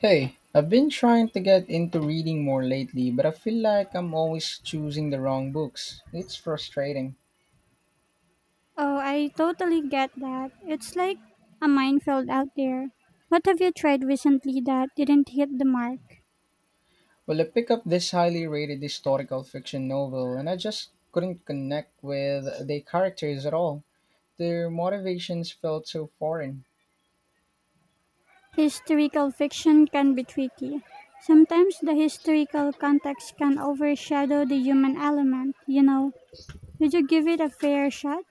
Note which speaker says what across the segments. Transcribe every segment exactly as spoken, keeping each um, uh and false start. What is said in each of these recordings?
Speaker 1: Hey, I've been trying to get into reading more lately, but I feel like I'm always choosing the wrong books. It's frustrating.
Speaker 2: Oh, I totally get that. It's like a minefield out there. What have you tried recently that didn't hit the mark?
Speaker 1: Well, I picked up this highly rated historical fiction novel, and I just couldn't connect with the characters at all. Their motivations felt so foreign.
Speaker 2: Historical fiction can be tricky. Sometimes the historical context can overshadow the human element, you know. Did you give it a fair shot?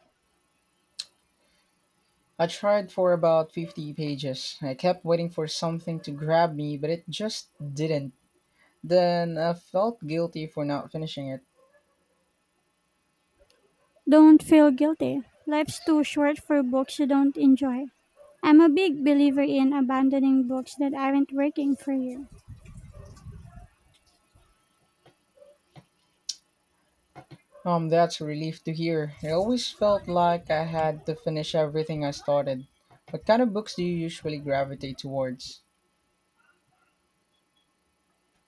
Speaker 1: I tried for about fifty pages. I kept waiting for something to grab me, but it just didn't. Then I felt guilty for not finishing it.
Speaker 2: Don't feel guilty. Life's too short for books you don't enjoy. I'm a big believer in abandoning books that aren't working for you.
Speaker 1: Um, that's a relief to hear. I always felt like I had to finish everything I started. What kind of books do you usually gravitate towards?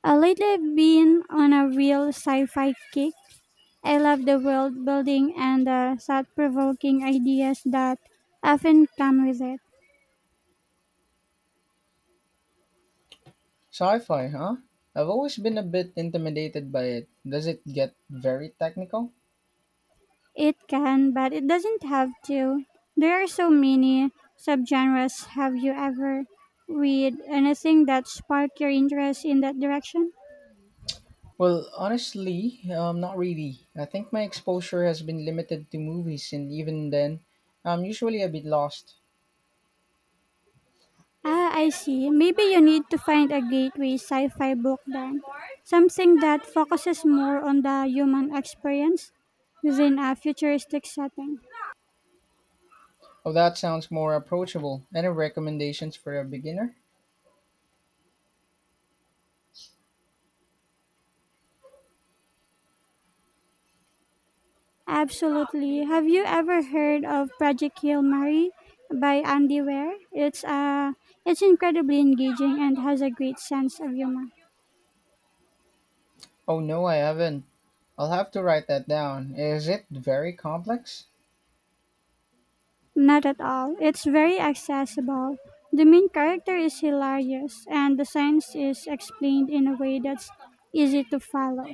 Speaker 2: Uh, lately, I've been on a real sci fi kick. I love the world building and the thought provoking ideas that often come with it.
Speaker 1: Sci fi, huh? I've always been a bit intimidated by it. Does it get very technical?
Speaker 2: It can, but it doesn't have to. There are so many subgenres. Have you ever read anything that sparked your interest in that direction?
Speaker 1: Well, honestly, um, not really. I think my exposure has been limited to movies, and even then, I'm usually a bit lost.
Speaker 2: Ah, I see. Maybe you need to find a gateway sci fi book then. Something that focuses more on the human experience within a futuristic setting.
Speaker 1: Oh, that sounds more approachable. Any recommendations for a beginner?
Speaker 2: Absolutely. Have you ever heard of Project Hail Mary by Andy Ware? It's uh it's incredibly engaging and has a great sense of humor.
Speaker 1: Oh, no, I haven't. I'll have to write that down. Is it very complex?
Speaker 2: Not at all. It's very accessible. The main character is hilarious and the science is explained in a way that's easy to follow.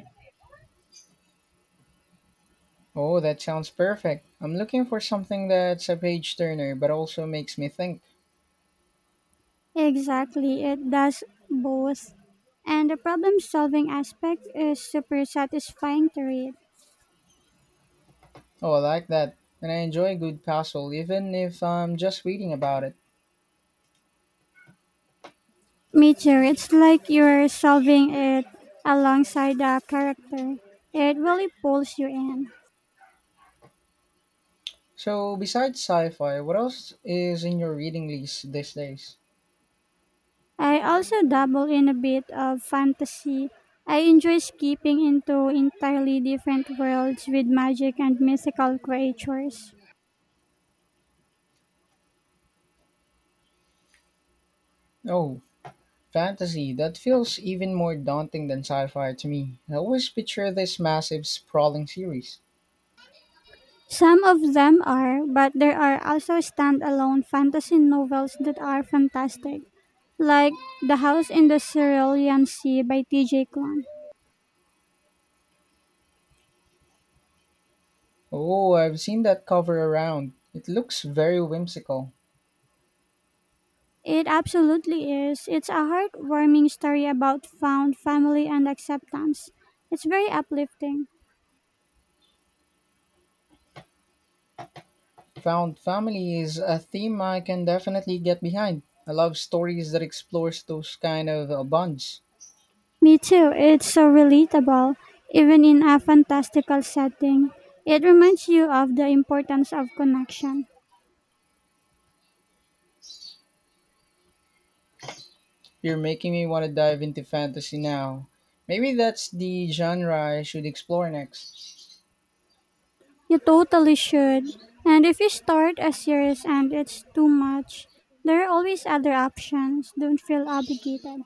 Speaker 1: Oh, that sounds perfect. I'm looking for something that's a page turner but also makes me think.
Speaker 2: Exactly. It does both. And the problem solving aspect is super satisfying to read.
Speaker 1: Oh, I like that. And I enjoy a good puzzle even if I'm just reading about it.
Speaker 2: Me too. It's like you're solving it alongside the character. It really pulls you in.
Speaker 1: So, besides sci fi, what else is in your reading list these days?
Speaker 2: I also dabble in a bit of fantasy. I enjoy skipping into entirely different worlds with magic and mythical creatures.
Speaker 1: Oh, fantasy. That feels even more daunting than sci fi to me. I always picture this massive, sprawling series.
Speaker 2: Some of them are, but there are also standalone fantasy novels that are fantastic, like The House in the Cerulean Sea by T J. Klon.
Speaker 1: Oh, I've seen that cover around. It looks very whimsical.
Speaker 2: It absolutely is. It's a heartwarming story about found family and acceptance. It's very uplifting.
Speaker 1: Found family is a theme I can definitely get behind. I love stories that explores those kind of uh, bonds.
Speaker 2: Me too. It's so relatable, even in a fantastical setting. It reminds you of the importance of connection.
Speaker 1: You're making me want to dive into fantasy now. Maybe that's the genre I should explore next.
Speaker 2: You totally should. And if you start a series and it's too much, there are always other options. Don't feel obligated.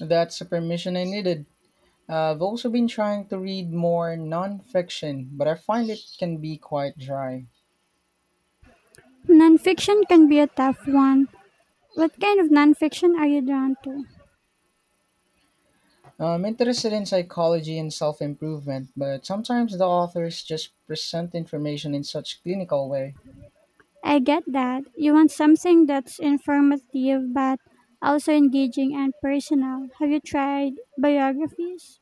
Speaker 1: That's a permission I needed. I've also been trying to read more nonfiction, but I find it can be quite dry.
Speaker 2: Nonfiction can be a tough one. What kind of nonfiction are you drawn to?
Speaker 1: I'm interested in psychology and self improvement, but sometimes the authors just present information in such clinical way.
Speaker 2: I get that. You want something that's informative but also engaging and personal. Have you tried biographies?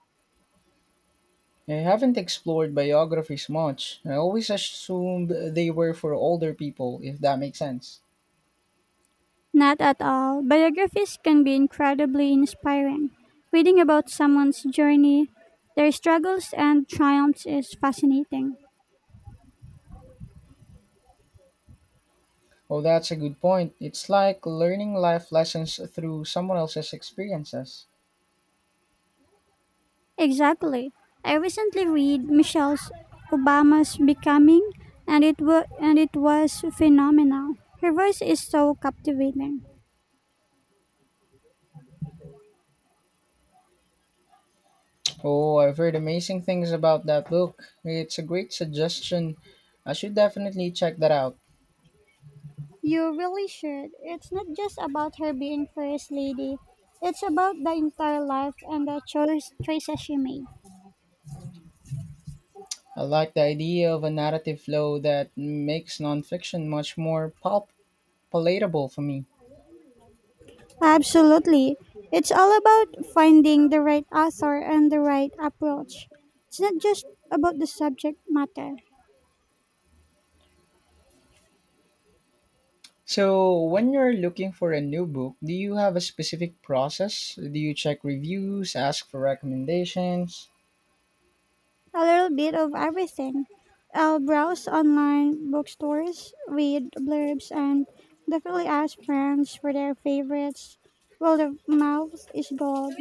Speaker 1: I haven't explored biographies much. I always assumed they were for older people, if that makes sense.
Speaker 2: Not at all. Biographies can be incredibly inspiring. Reading about someone's journey, their struggles and triumphs is fascinating.
Speaker 1: Oh, that's a good point. It's like learning life lessons through someone else's experiences.
Speaker 2: Exactly. I recently read Michelle Obama's Becoming and it wa- and it was phenomenal. Her voice is so captivating.
Speaker 1: Oh, I've heard amazing things about that book. It's a great suggestion. I should definitely check that out.
Speaker 2: You really should. It's not just about her being first lady. It's about the entire life and the choice choices she made.
Speaker 1: I like the idea of a narrative flow that makes nonfiction much more pal- palatable for me.
Speaker 2: Absolutely. It's all about finding the right author and the right approach. It's not just about the subject matter.
Speaker 1: So, when you're looking for a new book, do you have a specific process? Do you check reviews, ask for recommendations?
Speaker 2: A little bit of everything. I'll browse online bookstores, read blurbs, and definitely ask friends for their favorites. Well, of mouth is gold.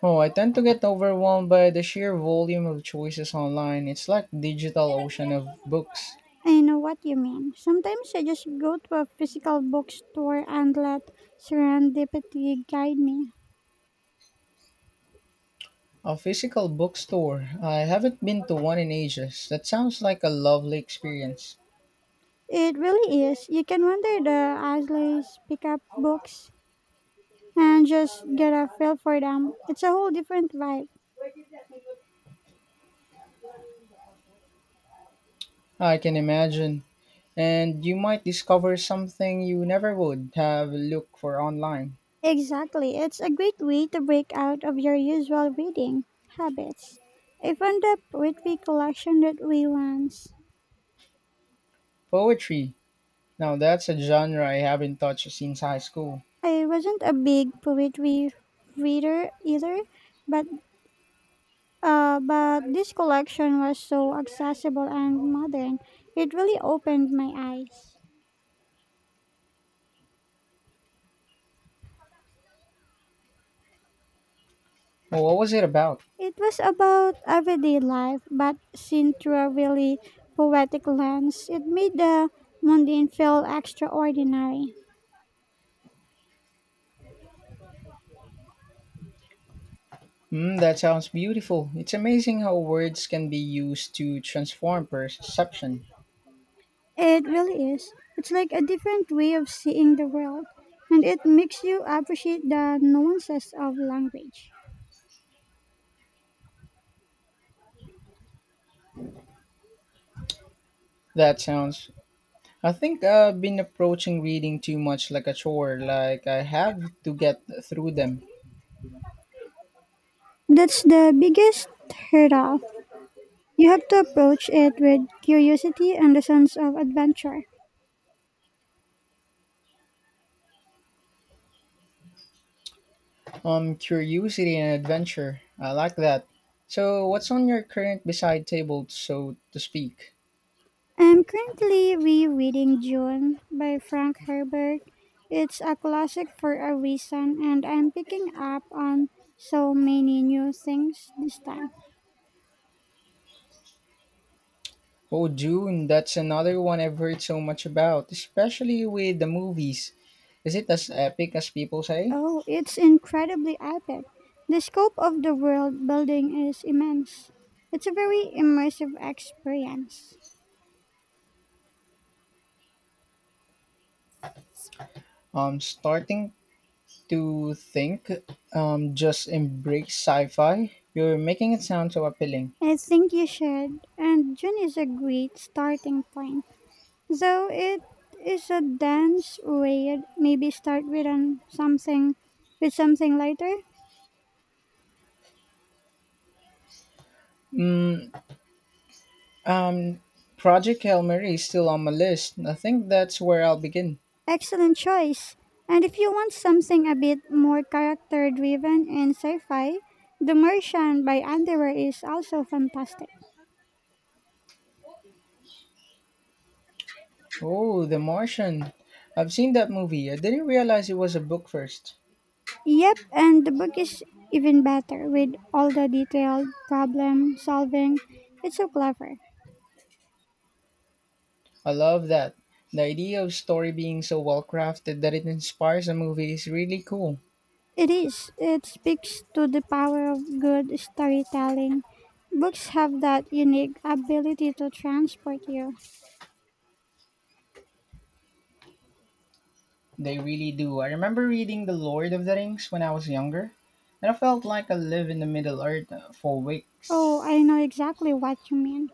Speaker 1: Oh, I tend to get overwhelmed by the sheer volume of choices online. It's like digital ocean of books.
Speaker 2: I know what you mean. Sometimes I just go to a physical bookstore and let serendipity guide me.
Speaker 1: A physical bookstore. I haven't been to one in ages. That sounds like a lovely experience.
Speaker 2: It really is. You can wander the aisles, pick up books, and just get a feel for them. It's a whole different vibe.
Speaker 1: I can imagine. And you might discover something you never would have looked for online.
Speaker 2: Exactly. It's a great way to break out of your usual reading habits. I found a poetry collection that we once.
Speaker 1: Poetry. Now that's a genre I haven't touched since high school.
Speaker 2: I wasn't a big poetry reader either, but uh, but this collection was so accessible and modern. It really opened my eyes.
Speaker 1: Well, what was it about?
Speaker 2: It was about everyday life, but seen through a really poetic lens. It made the mundane feel extraordinary.
Speaker 1: Mm, that sounds beautiful. It's amazing how words can be used to transform perception.
Speaker 2: It really is. It's like a different way of seeing the world, and it makes you appreciate the nuances of language.
Speaker 1: That sounds. I think I've been approaching reading too much like a chore, like I have to get through them.
Speaker 2: That's the biggest hurdle. You have to approach it with curiosity and a sense of adventure.
Speaker 1: Um, curiosity and adventure. I like that. So, what's on your current beside table, so to speak?
Speaker 2: I'm currently rereading June by Frank Herbert. It's a classic for a reason, and I'm picking up on so many new things this time.
Speaker 1: Oh, Dune, that's another one I've heard so much about, especially with the movies. Is it as epic as people say?
Speaker 2: Oh, it's incredibly epic. The scope of the world building is immense. It's a very immersive experience.
Speaker 1: Um, starting to think. Um, just embrace sci-fi. You're making it sound so appealing.
Speaker 2: I think you should, and June is a great starting point. Though it is a dense read, maybe start with an something with something lighter.
Speaker 1: Um, Project Hail Mary is still on my list. I think that's where I'll begin.
Speaker 2: Excellent choice. And if you want something a bit more character driven and sci-fi, The Martian by Underwear is also fantastic.
Speaker 1: Oh, The Martian. I've seen that movie. I didn't realize it was a book first.
Speaker 2: Yep, and the book is even better with all the detailed problem solving. It's so clever.
Speaker 1: I love that. The idea of story being so well crafted that it inspires a movie is really cool.
Speaker 2: It is. It speaks to the power of good storytelling. Books have that unique ability to transport you.
Speaker 1: They really do. I remember reading The Lord of the Rings when I was younger, and I felt like I live in the Middle Earth uh, for
Speaker 2: Oh, I
Speaker 1: weeks.
Speaker 2: know exactly what you mean.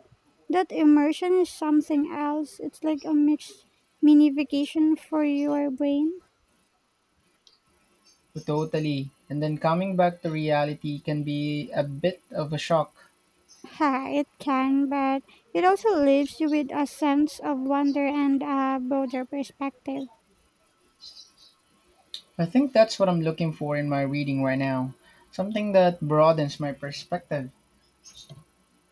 Speaker 2: That immersion is something else. It's like a mixed mini vacation for your brain.
Speaker 1: Totally. And then coming back to reality can be a bit of a shock.
Speaker 2: Ha, it can, but it also leaves you with a sense of wonder and a broader perspective.
Speaker 1: I think that's what I'm looking for in my reading right now, something that broadens my perspective.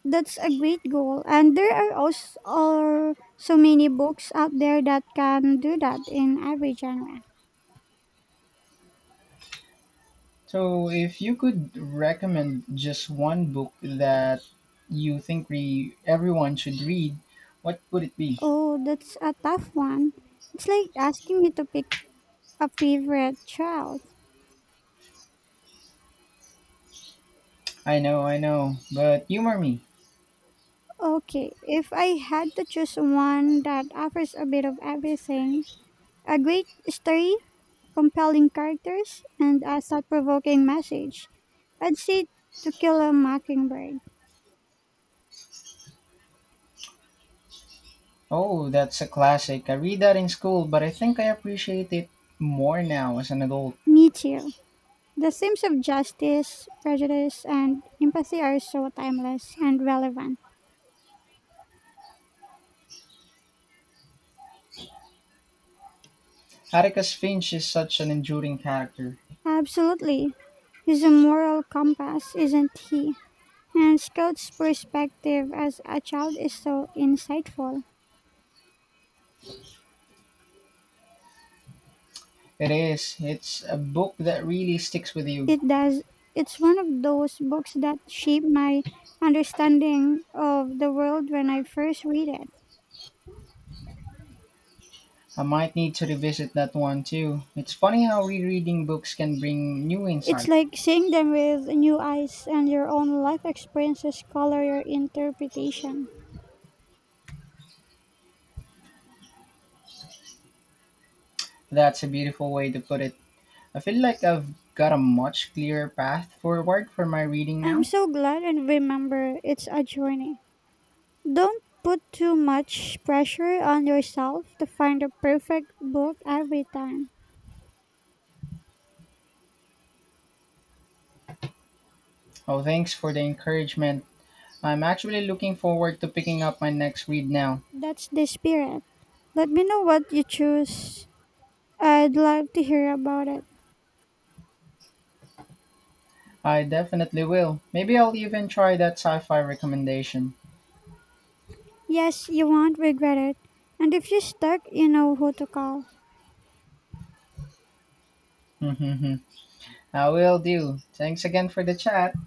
Speaker 2: That's a great goal. And there are also are so many books out there that can do that in every genre.
Speaker 1: So, if you could recommend just one book that you think re- everyone should read, what would it be?
Speaker 2: Oh, that's a tough one. It's like asking me to pick a favorite child.
Speaker 1: I know, I know, but humor me.
Speaker 2: Okay, if I had to choose one that offers a bit of everything, a great story, compelling characters, and a thought provoking message. I'd say To Kill a Mockingbird.
Speaker 1: Oh, that's a classic. I read that in school, but I think I appreciate it more now as an adult.
Speaker 2: Me too. The themes of justice, prejudice, and empathy are so timeless and relevant.
Speaker 1: Atticus Finch is such an enduring character.
Speaker 2: Absolutely. He's a moral compass, isn't he? And Scout's perspective as a child is so insightful.
Speaker 1: It is. It's a book that really sticks with you.
Speaker 2: It does. It's one of those books that shaped my understanding of the world when I first read it.
Speaker 1: I might need to revisit that one too. It's funny how rereading books can bring new
Speaker 2: It's
Speaker 1: insight.
Speaker 2: like seeing them with new eyes and your own life experiences color your interpretation.
Speaker 1: That's a beautiful way to put it. I feel like I've got a much clearer path forward for my reading
Speaker 2: I'm
Speaker 1: now.
Speaker 2: so glad and remember it's a journey. Don't put too much pressure on yourself to find a perfect book every time.
Speaker 1: Oh, thanks for the encouragement. I'm actually looking forward to picking up my next read now.
Speaker 2: That's the spirit. Let me know what you choose. I'd love to hear about it.
Speaker 1: I definitely will. Maybe I'll even try that sci fi recommendation.
Speaker 2: Yes, you won't regret it. And if you're stuck, you know who to call.
Speaker 1: I will do. Thanks again for the chat.